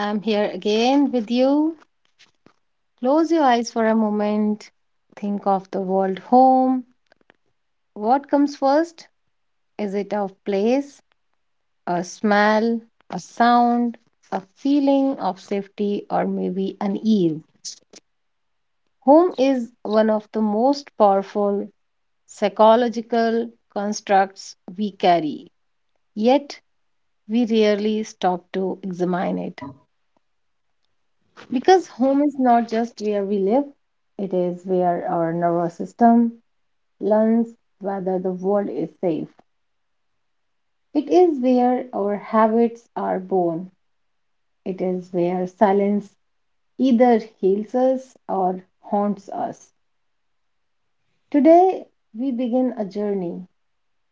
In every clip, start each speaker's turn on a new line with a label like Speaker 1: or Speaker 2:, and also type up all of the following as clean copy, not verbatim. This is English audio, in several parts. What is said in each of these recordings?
Speaker 1: I'm here again with you. Close your eyes for a moment. Think of the world home. What comes first? Is it a place, a smell, a sound, a feeling of safety, or maybe an ease? Home is one of the most powerful psychological constructs we carry, yet we rarely stop to examine it. Because home is not just where we live, it is where our nervous system learns whether the world is safe. It is where our habits are born. It is where silence either heals us or haunts us. Today, we begin a journey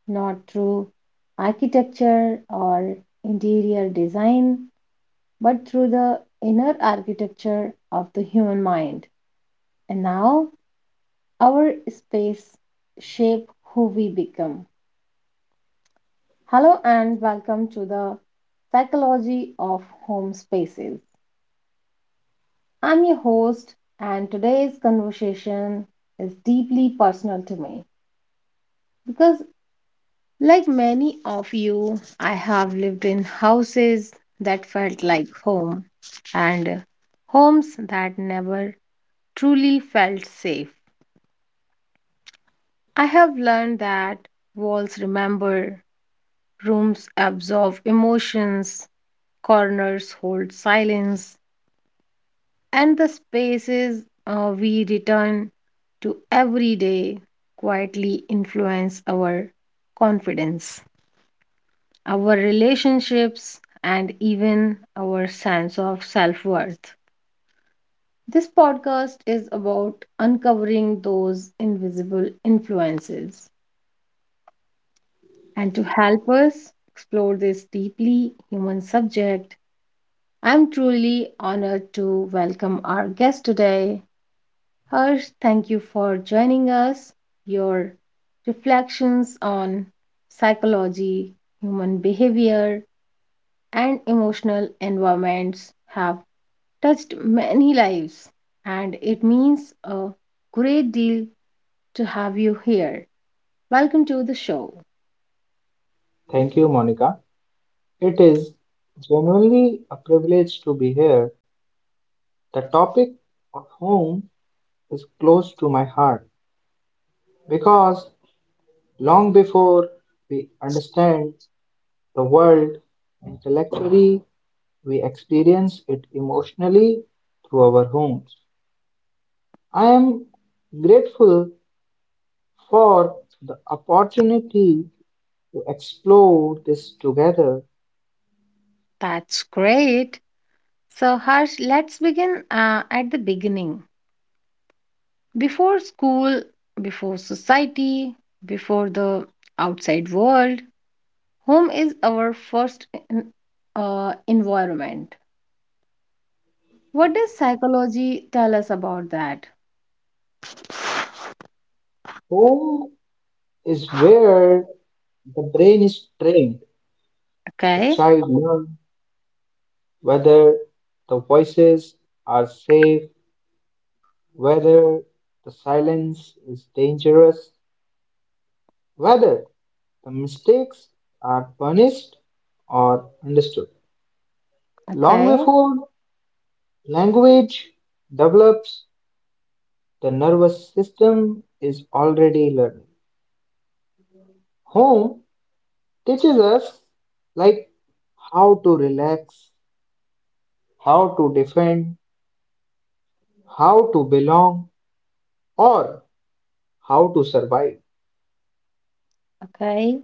Speaker 1: not through architecture or interior design, but through the inner architecture of the human mind. And now, our space shape who we become. Hello and welcome to the psychology of home spaces. I'm your host, and today's conversation is deeply personal to me because, like many of you, I have lived in houses that felt like home and homes that never truly felt safe. I have learned that walls remember. Rooms absorb emotions, corners hold silence, and the spaces we return to every day quietly influence our confidence, our relationships, and even our sense of self worth. This podcast is about uncovering those invisible influences. And to help us explore this deeply human subject, I'm truly honored to welcome our guest today. Harsh, thank you for joining us. Your reflections on psychology, human behavior, and emotional environments have touched many lives, and it means a great deal to have you here. Welcome to the show.
Speaker 2: Thank you, Monica. It is genuinely a privilege to be here. The topic of home is close to my heart because long before we understand the world intellectually, we experience it emotionally through our homes. I am grateful for the opportunity to explore this together.
Speaker 1: That's great. So, Harsh, let's begin at the beginning. Before school, before society, before the outside world, home is our first environment. What does psychology tell us about that?
Speaker 2: Home is where the brain is trained. A
Speaker 1: Okay,
Speaker 2: child learns whether the voices are safe, whether the silence is dangerous, whether the mistakes are punished or understood. Long
Speaker 1: okay,
Speaker 2: before language develops, the nervous system is already learning. Home teaches us like how to relax, how to defend, how to belong, or how to survive.
Speaker 1: okay.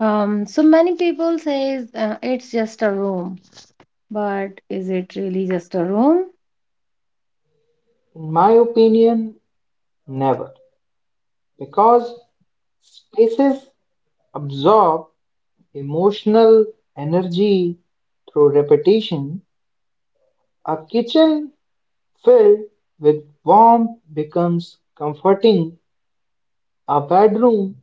Speaker 1: So many people says it's just a room, but is it really just a room?
Speaker 2: In my opinion, never, because spaces absorb emotional energy through repetition. A kitchen filled with warmth becomes comforting, a bedroom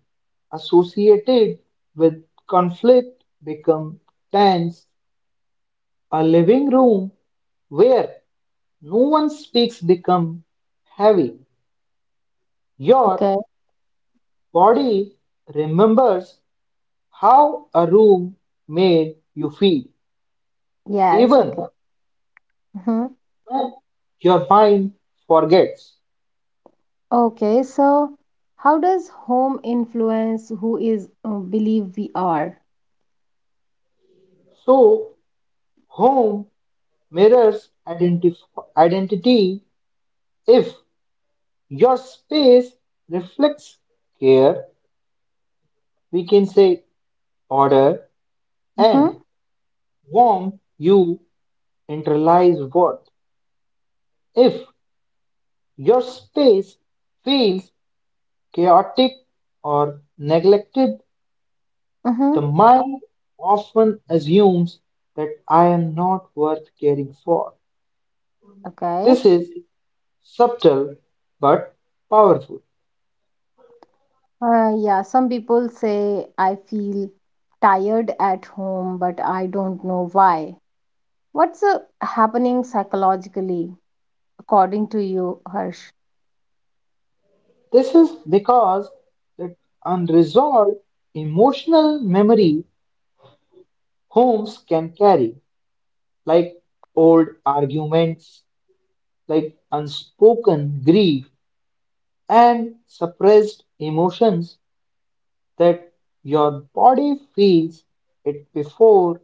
Speaker 2: associated with conflict becomes tense, a living room where no one speaks becomes heavy. Your
Speaker 1: Okay,
Speaker 2: body remembers how a room made you feel,
Speaker 1: yes,
Speaker 2: even
Speaker 1: okay. Mhm.
Speaker 2: when your mind forgets.
Speaker 1: Okay, so how does home influence who is, believe we are?
Speaker 2: So, home mirrors identity. If your space reflects care, we can say order
Speaker 1: Mm-hmm.
Speaker 2: and warmth, you internalize worth. If your space feels chaotic or neglected, the
Speaker 1: Mm-hmm.
Speaker 2: mind often assumes that I am not worth caring for.
Speaker 1: Okay.
Speaker 2: This is subtle but powerful.
Speaker 1: Yeah, some people say I feel tired at home, but I don't know why. What's happening psychologically, according to you, Harsh?
Speaker 2: This is because that unresolved emotional memory homes can carry, like old arguments, like unspoken grief, and suppressed emotions that your body feels it before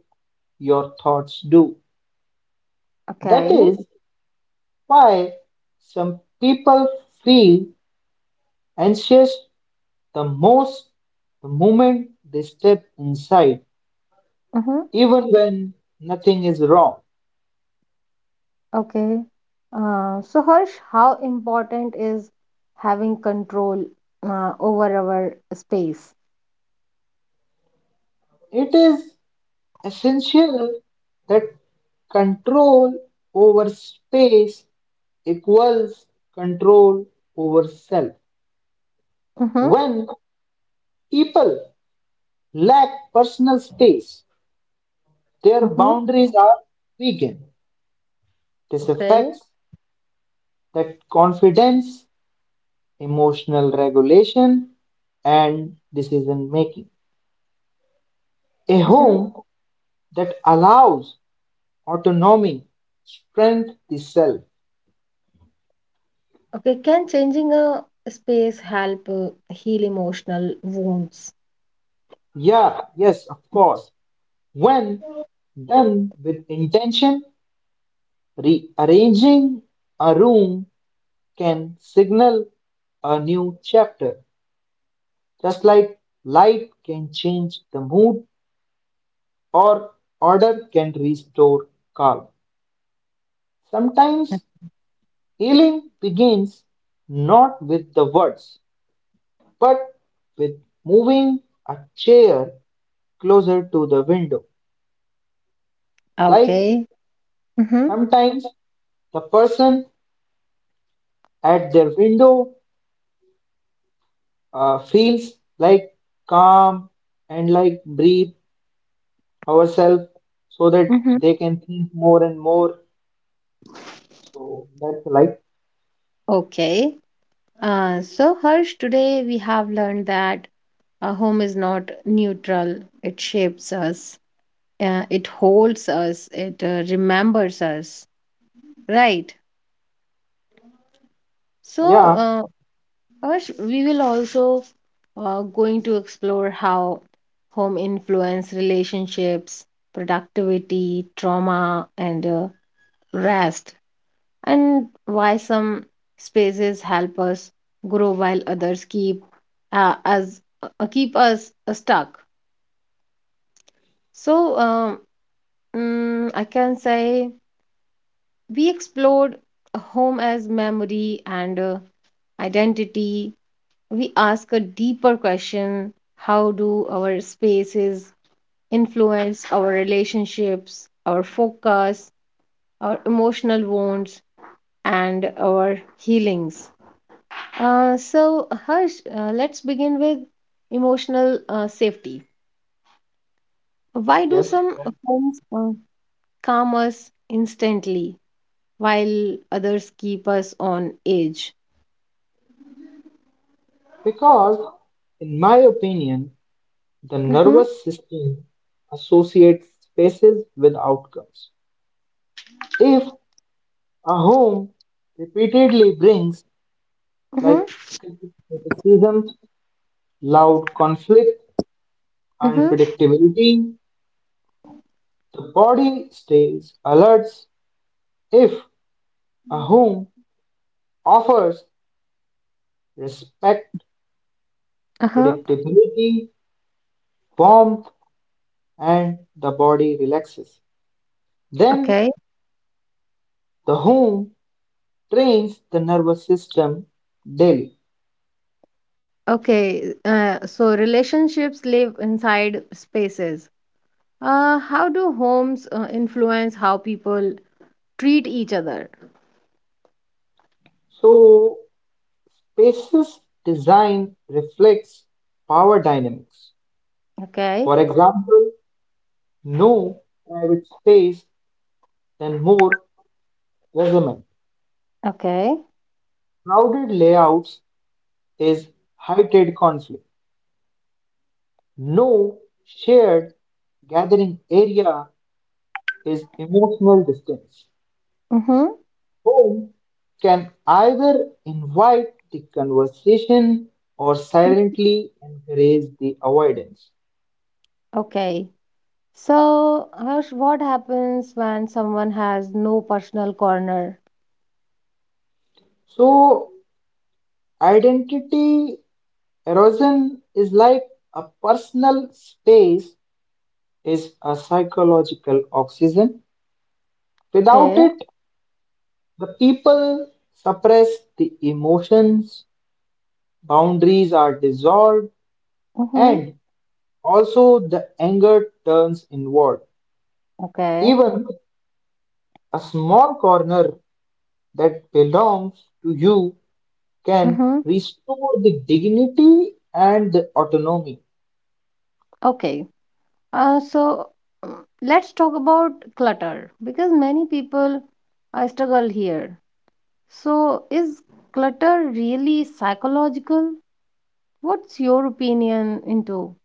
Speaker 2: your thoughts do. That
Speaker 1: Okay.
Speaker 2: is why some people feel anxious the most the moment they step inside,
Speaker 1: Mm-hmm.
Speaker 2: even when nothing is wrong.
Speaker 1: Okay. So, Harsh, how important is having control over our space?
Speaker 2: It is essential that control over space equals control over self.
Speaker 1: Mm-hmm.
Speaker 2: When people lack personal space,
Speaker 1: Mm-hmm.
Speaker 2: their boundaries are weakened. This
Speaker 1: Okay.
Speaker 2: affects that confidence emotional regulation, and decision making. A
Speaker 1: Mm-hmm.
Speaker 2: home that allows autonomy strengthens the self.
Speaker 1: Okay. Can changing a space help heal emotional wounds?
Speaker 2: Yeah, yes, of course. When done with intention, rearranging a room can signal a new chapter. Just like light can change the mood or order can restore calm. Sometimes healing begins not with the words, but with moving a chair closer to the window. Like
Speaker 1: Okay. Mm-hmm.
Speaker 2: sometimes the person at their window feels like calm and like breathe ourselves so that
Speaker 1: Hmm.
Speaker 2: they can think more and more. So that's like,
Speaker 1: Okay. So, Harsh, today we have learned that a home is not neutral. It shapes us, it holds us, it remembers us, right? So,
Speaker 2: yeah,
Speaker 1: Harsh, we will also going to explore how home influence relationships, productivity, trauma, and rest, and why some spaces help us grow while others keep us stuck. So, I can say we explored home as memory and identity. We ask a deeper question: how do our spaces influence our relationships, our focus, our emotional wounds, and our healings. So, Harsh, let's begin with emotional safety. Why do
Speaker 2: yes,
Speaker 1: some homes calm us instantly while others keep us on edge?
Speaker 2: because in my opinion, the
Speaker 1: Mm-hmm,
Speaker 2: nervous system associates spaces with outcomes. If a home repeatedly brings
Speaker 1: mm-hmm,
Speaker 2: like criticism, loud conflict,
Speaker 1: mm-hmm,
Speaker 2: unpredictability, the body stays alert. If a home offers respect,
Speaker 1: uh-huh.
Speaker 2: predictability, warmth, and the body relaxes, then
Speaker 1: Okay,
Speaker 2: the home trains the nervous system daily.
Speaker 1: okay. So, relationships live inside spaces. How do homes influence how people treat each other?
Speaker 2: So, spaces design reflects power dynamics;
Speaker 1: Okay,
Speaker 2: for example, no private space than more measurement.
Speaker 1: okay,
Speaker 2: Crowded layouts is heightened conflict. No shared gathering area is emotional distance.
Speaker 1: mm-hmm,
Speaker 2: Home can either invite the conversation or silently encourage the avoidance.
Speaker 1: okay. So, Harsh, what happens when someone has no personal corner?
Speaker 2: So, identity erosion is like a personal space is a psychological oxygen. Without
Speaker 1: Okay.
Speaker 2: it, the people suppress the emotions, boundaries are dissolved,
Speaker 1: Mm-hmm.
Speaker 2: and also the anger turns inward.
Speaker 1: Okay.
Speaker 2: Even a small corner that belongs to you can
Speaker 1: Mm-hmm.
Speaker 2: restore the dignity and the autonomy.
Speaker 1: Okay. So, mm, let's talk about clutter because many people struggle here. So, is clutter really psychological? What's your opinion into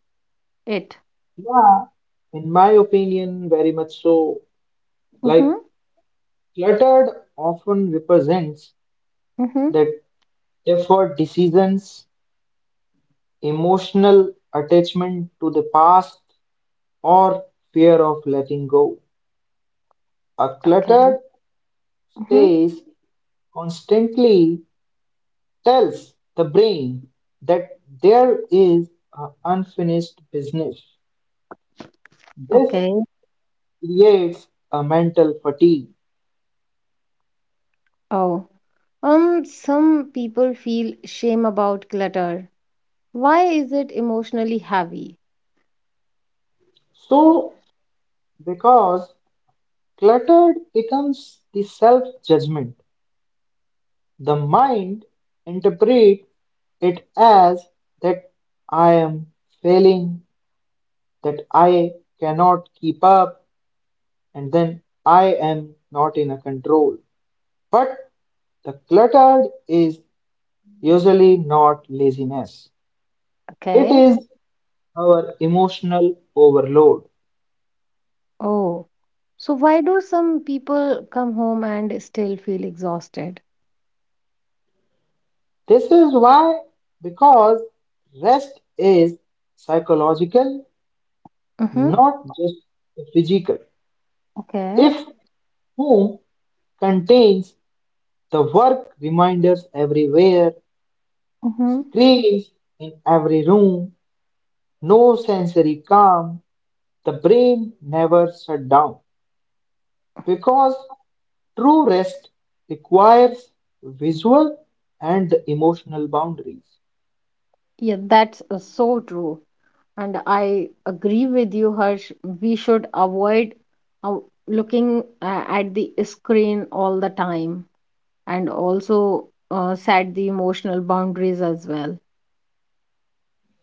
Speaker 1: it?
Speaker 2: Yeah, in my opinion, very much so.
Speaker 1: Mm-hmm.
Speaker 2: Like cluttered often represents
Speaker 1: Mm-hmm.
Speaker 2: the deferred decisions, emotional attachment to the past, or fear of letting go. A
Speaker 1: Okay.
Speaker 2: cluttered
Speaker 1: Mm-hmm.
Speaker 2: space constantly tells the brain that there is a unfinished business. This
Speaker 1: Okay.
Speaker 2: creates a mental fatigue.
Speaker 1: Oh. Some people feel shame about clutter. Why is it emotionally heavy?
Speaker 2: So, because cluttered becomes the self judgment, the mind interprets it as that I am failing, that I cannot keep up, and then I am not in a control. But the cluttered is usually not laziness. It
Speaker 1: Okay.
Speaker 2: is our emotional overload.
Speaker 1: Oh, so why do some people come home and still feel exhausted?
Speaker 2: This is why, because rest is psychological,
Speaker 1: Mm-hmm.
Speaker 2: not just physical.
Speaker 1: Okay.
Speaker 2: If home contains the work reminders everywhere,
Speaker 1: Mm-hmm.
Speaker 2: screens in every room, no sensory calm, the brain never shut down because true rest requires visual and emotional boundaries.
Speaker 1: Yeah, that's so true. And I agree with you, Harsh. We should avoid uh, looking at the screen all the time, and also set the emotional boundaries as well,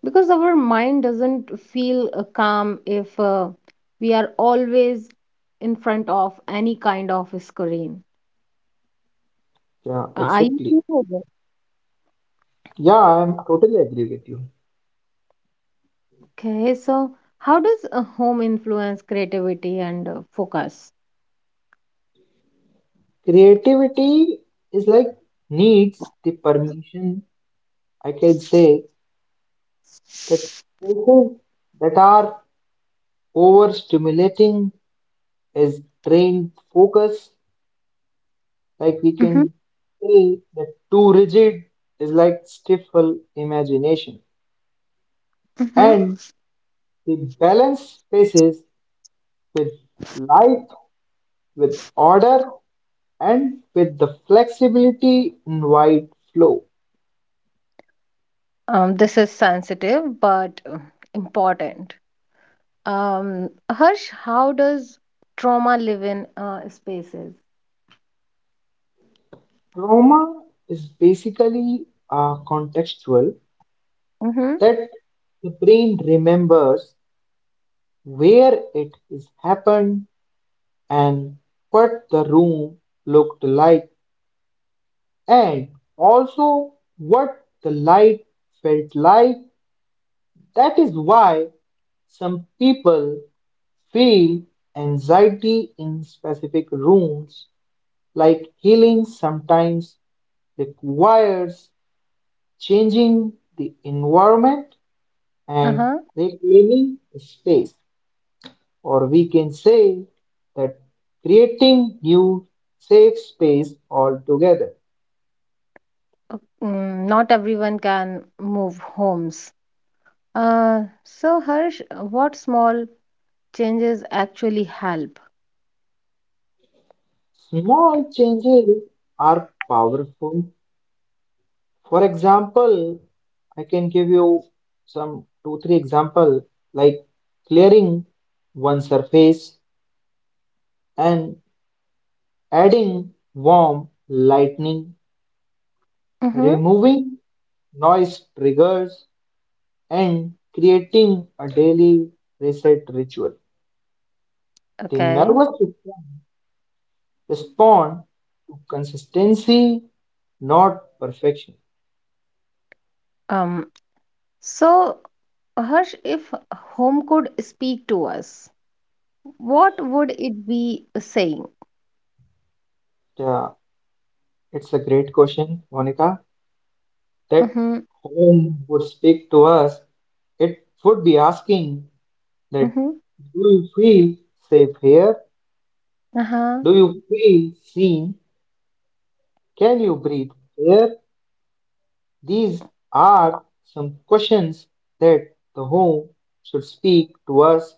Speaker 1: because our mind doesn't feel calm if we are always in front of any kind of screen.
Speaker 2: Yeah,
Speaker 1: Are you
Speaker 2: exactly.
Speaker 1: sure of
Speaker 2: Yeah, I'm totally agree with you.
Speaker 1: okay? So, how does a home influence creativity and focus?
Speaker 2: Creativity is like needs the permission, I can say that spaces that are overstimulating is drained focus. Like we
Speaker 1: Mm-hmm,
Speaker 2: can say that too rigid is like stifle imagination.
Speaker 1: mm-hmm.
Speaker 2: And we balance spaces with light, with order, and with the flexibility in wide flow.
Speaker 1: This is sensitive but important. Harsh, how does trauma live in spaces?
Speaker 2: Trauma is basically contextual
Speaker 1: Mm-hmm,
Speaker 2: that the brain remembers where it is happened and what the room looked like and also what the light felt like. That is why some people feel anxiety in specific rooms, like healing sometimes requires changing the environment and
Speaker 1: uh-huh.
Speaker 2: reclaiming space, or we can say that creating new safe space altogether.
Speaker 1: Not everyone can move homes. So, Harsh, what small changes actually help?
Speaker 2: Small changes are powerful. For example, I can give you some two, three example like clearing one surface and adding warm lightning,
Speaker 1: Mm-hmm.
Speaker 2: removing noise triggers, and creating a daily reset ritual. The
Speaker 1: Okay.
Speaker 2: nervous system respond to consistency, not perfection.
Speaker 1: Um, so, Harsh, if home could speak to us, what would it be saying?
Speaker 2: Yeah, it's a great question, Monica. That
Speaker 1: Mm-hmm.
Speaker 2: home would speak to us, it would be asking that
Speaker 1: Mm-hmm.
Speaker 2: do you feel safe here?
Speaker 1: Uh-huh.
Speaker 2: Do you feel seen? Can you breathe here? These are some questions that the home should speak to us,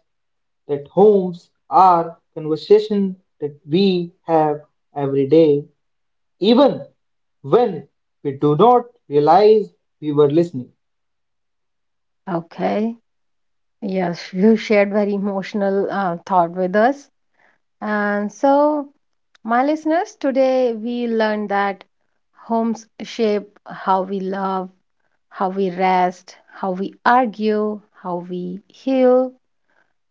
Speaker 2: that homes are conversation that we have every day, even when we do not realize we were listening.
Speaker 1: Okay. Yes, you shared very emotional thought with us. And so, my listeners, today we learned that homes shape how we love, how we rest, how we argue, how we heal,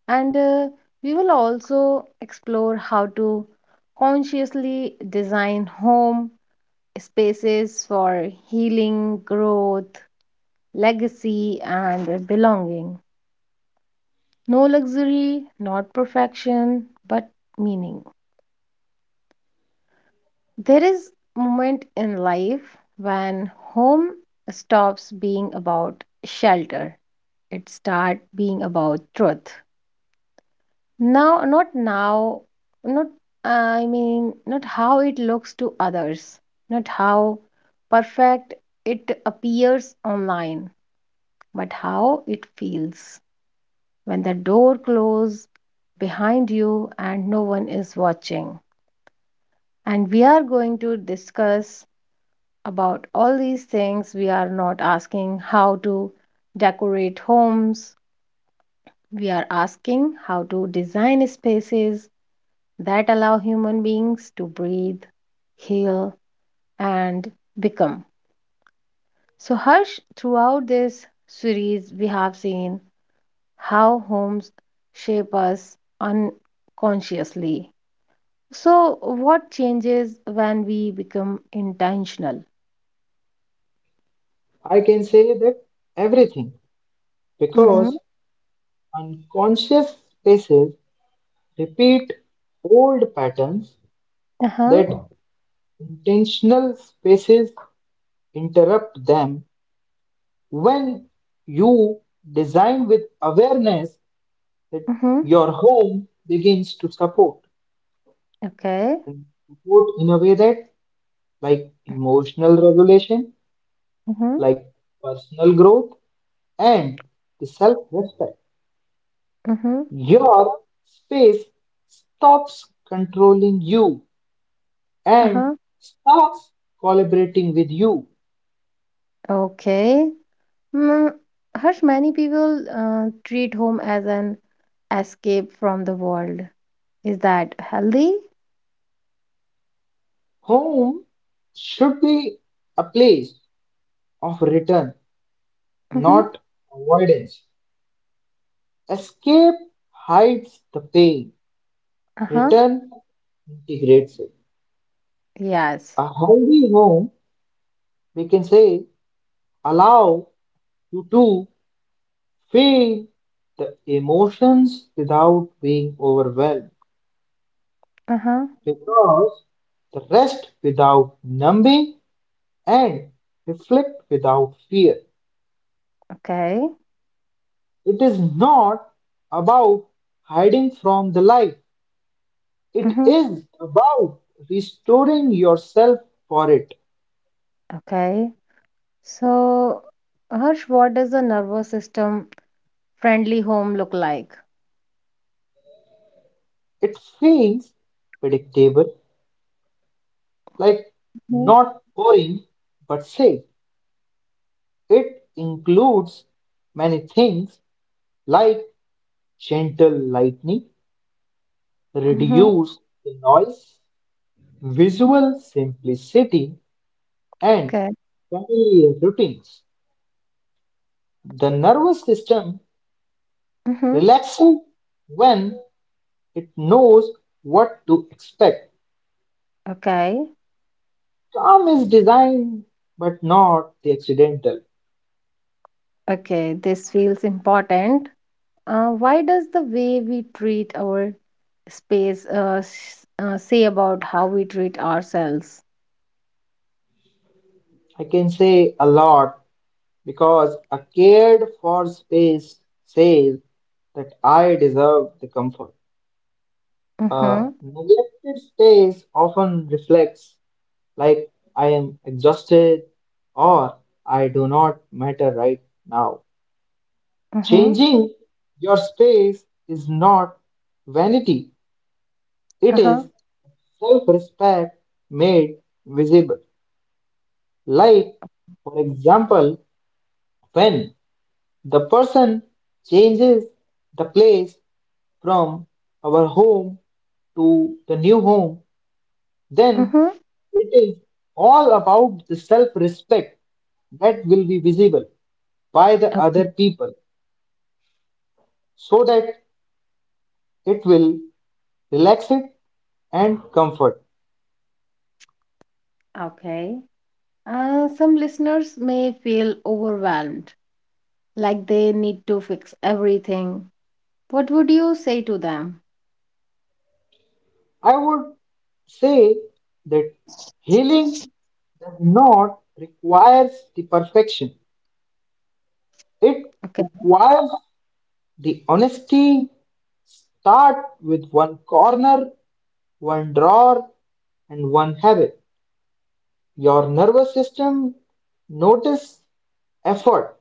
Speaker 1: and we will also explore how to consciously design home spaces for healing, growth, legacy, and belonging. No luxury, not perfection, but meaning. There is moment in life when home stops being about shelter. It starts being about truth. Now, not I mean, not how it looks to others, not how perfect it appears online, but how it feels when the door closes behind you and no one is watching. And we are going to discuss about all these things. We are not asking how to decorate homes, we are asking how to design spaces that allow human beings to breathe, heal, and become. So, Harsh, throughout this series, we have seen how homes shape us unconsciously. So, what changes when we become intentional?
Speaker 2: I can say that everything.
Speaker 1: Mm-hmm.
Speaker 2: Because unconscious spaces repeat old patterns
Speaker 1: Uh huh.
Speaker 2: that intentional spaces interrupt them. When you design with awareness, that
Speaker 1: Mm-hmm.
Speaker 2: your home begins to support
Speaker 1: Okay.
Speaker 2: and support in a way that, like emotional regulation,
Speaker 1: Mm-hmm.
Speaker 2: like personal growth, and the self respect.
Speaker 1: Mm-hmm.
Speaker 2: Your space stops controlling you
Speaker 1: Uh
Speaker 2: and
Speaker 1: huh.
Speaker 2: starts collaborating with you.
Speaker 1: Okay. Mm, Harsh, many people treat home as an escape from the world. Is that healthy?
Speaker 2: Home should be a place of return,
Speaker 1: Mm-hmm.
Speaker 2: not avoidance. Escape hides the pain,
Speaker 1: Uh-huh.
Speaker 2: return integrates it.
Speaker 1: Yes.
Speaker 2: A healthy home, we can say, allow you to feel the emotions without being overwhelmed
Speaker 1: Uh-huh.
Speaker 2: because the rest without numbing and reflect without fear.
Speaker 1: Okay.
Speaker 2: It is not about hiding from the light, it
Speaker 1: Mm-hmm.
Speaker 2: is about restoring yourself for it.
Speaker 1: Okay. So, Harsh, what does a nervous system friendly home look like?
Speaker 2: It feels predictable, like
Speaker 1: Mm-hmm.
Speaker 2: not boring but safe. It includes many things like gentle lighting,
Speaker 1: Mm-hmm.
Speaker 2: reduced noise, visual simplicity, and
Speaker 1: Okay.
Speaker 2: familiar routines. The nervous system
Speaker 1: Mm-hmm.
Speaker 2: relaxes when it knows what to expect.
Speaker 1: Okay.
Speaker 2: Calm is designed, but not the accidental.
Speaker 1: Okay. This feels important. Why does the way we treat our space say about how we treat ourselves?
Speaker 2: I can say a lot because a cared for space says that I deserve the comfort. A
Speaker 1: Mm-hmm.
Speaker 2: neglected space often reflects like I am exhausted or I do not matter right now.
Speaker 1: Mm-hmm.
Speaker 2: Changing your space is not vanity, it
Speaker 1: Uh-huh.
Speaker 2: is self-respect made visible. Like, for example, when the person changes the place from our home to the new home, then
Speaker 1: Mm-hmm.
Speaker 2: it is all about the self-respect that will be visible by the
Speaker 1: Okay.
Speaker 2: other people so that it will relax it and comfort.
Speaker 1: Okay. Some listeners may feel overwhelmed, like they need to fix everything. What would you say to them?
Speaker 2: I would say that healing does not requires the perfection. It
Speaker 1: Okay.
Speaker 2: requires the honesty. Start with one corner, one drawer, and one habit. Your nervous system notice effort,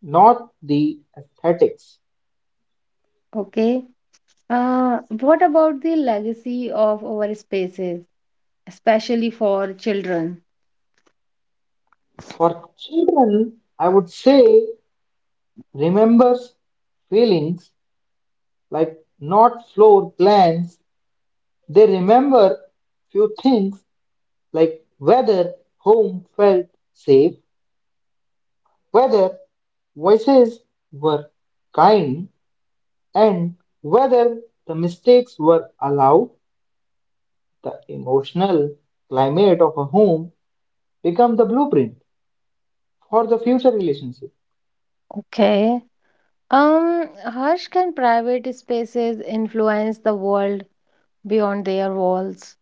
Speaker 2: not the aesthetics.
Speaker 1: Okay. What about the legacy of our spaces, especially for children?
Speaker 2: For children, I would say remember feelings like not floor plans. They remember few things like whether home felt safe, whether voices were kind, and whether the mistakes were allowed. The emotional climate of a home become the blueprint for the future relationship.
Speaker 1: Okay. Harsh, can private spaces influence the world beyond their walls?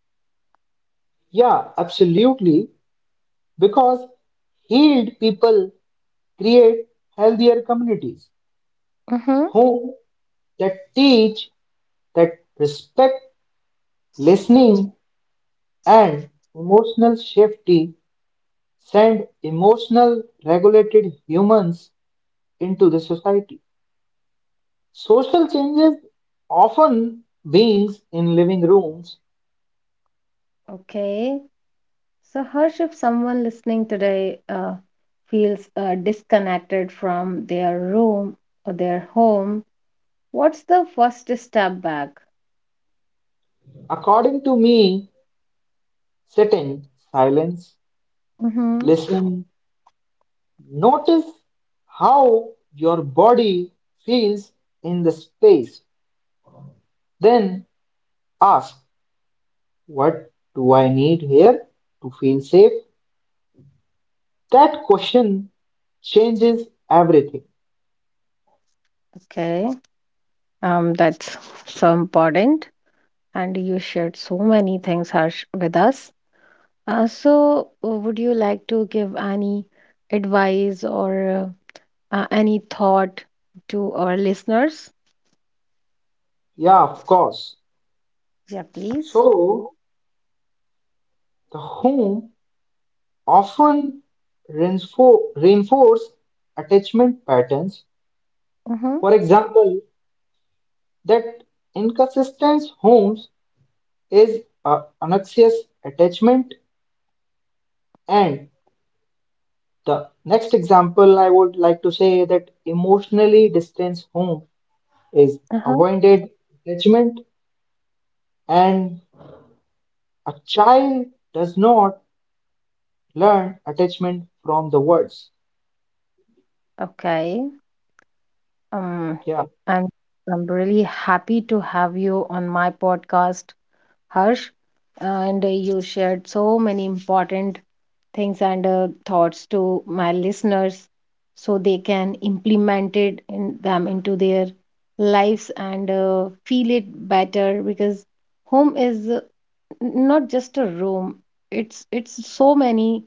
Speaker 2: Yeah, absolutely, because healed people create healthier communities,
Speaker 1: Mm-hmm.
Speaker 2: home that teach, that respect listening and emotional safety send emotional regulated humans into the society. Social changes often beings in living rooms,
Speaker 1: Okay. So, Harsh, if someone listening today feels disconnected from their room or their home, what's the first step back?
Speaker 2: according to me, sit in silence,
Speaker 1: Mm-hmm.
Speaker 2: listen, notice how your body feels in the space, then ask, what do I need here to feel safe? That question changes everything.
Speaker 1: Okay. That's so important. And you shared so many things, Harsh, with us. So, would you like to give any advice, or any thought to our listeners?
Speaker 2: Yeah, of course.
Speaker 1: Yeah, please.
Speaker 2: So the home often reinforce attachment patterns.
Speaker 1: Mm-hmm.
Speaker 2: For example, that inconsistent homes is a anxious attachment. And the next example I would like to say that emotionally distant home is
Speaker 1: Uh-huh.
Speaker 2: avoided attachment, and a child does not learn attachment from the words.
Speaker 1: Okay. Um,
Speaker 2: Yeah,
Speaker 1: I'm I'm really happy to have you on my podcast, Harsh, and you shared so many important things and thoughts to my listeners so they can implement it in them into their lives and feel it better, because home is not just a room, it's so many,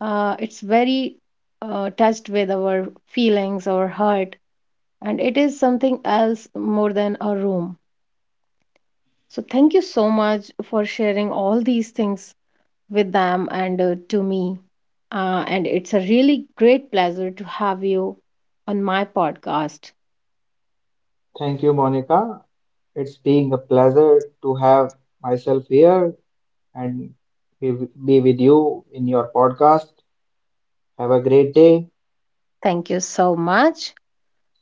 Speaker 1: it's very, touched with our feelings, our heart, and it is something else, more than a room. So thank you so much for sharing all these things with them and to me, and it's a really great pleasure to have you on my podcast.
Speaker 2: thank you, Monica. It's being a pleasure to have myself here and be, be with you in your podcast. Have a great day.
Speaker 1: Thank you so much.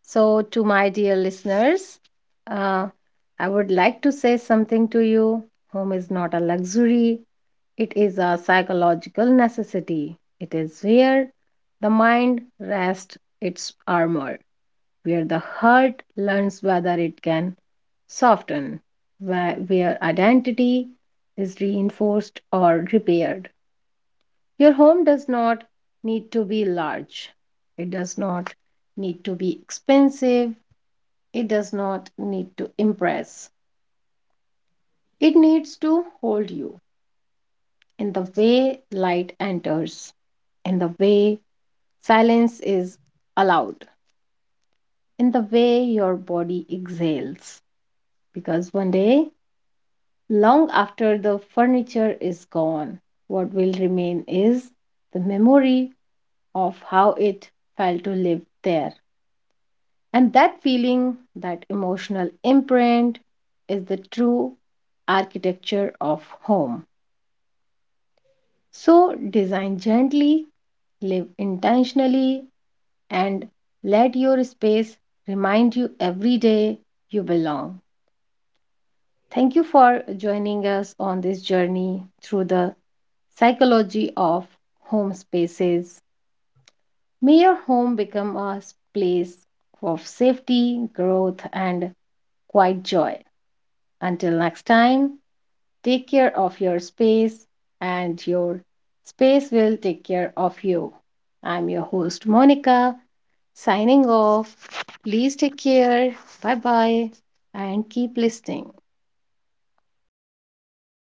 Speaker 1: So, to my dear listeners, uh, I would like to say something to you. Home is not a luxury, it is a psychological necessity. It is where the mind rests its armor, where the heart learns whether it can soften, where identity is reinforced or repaired. Your home does not need to be large, it does not need to be expensive, it does not need to impress. It needs to hold you in the way light enters, in the way silence is allowed, in the way your body exhales. Because one day, long after the furniture is gone, what will remain is the memory of how it felt to live there. And that feeling, that emotional imprint, is the true architecture of home. So, design gently, live intentionally, and let your space remind you every day you belong. Thank you for joining us on this journey through the psychology of home spaces. May your home become a place of safety, growth, and quiet joy. Until next time, take care of your space, and your space will take care of you. I'm your host, Monica, signing off. Please take care. Bye bye, and keep listening.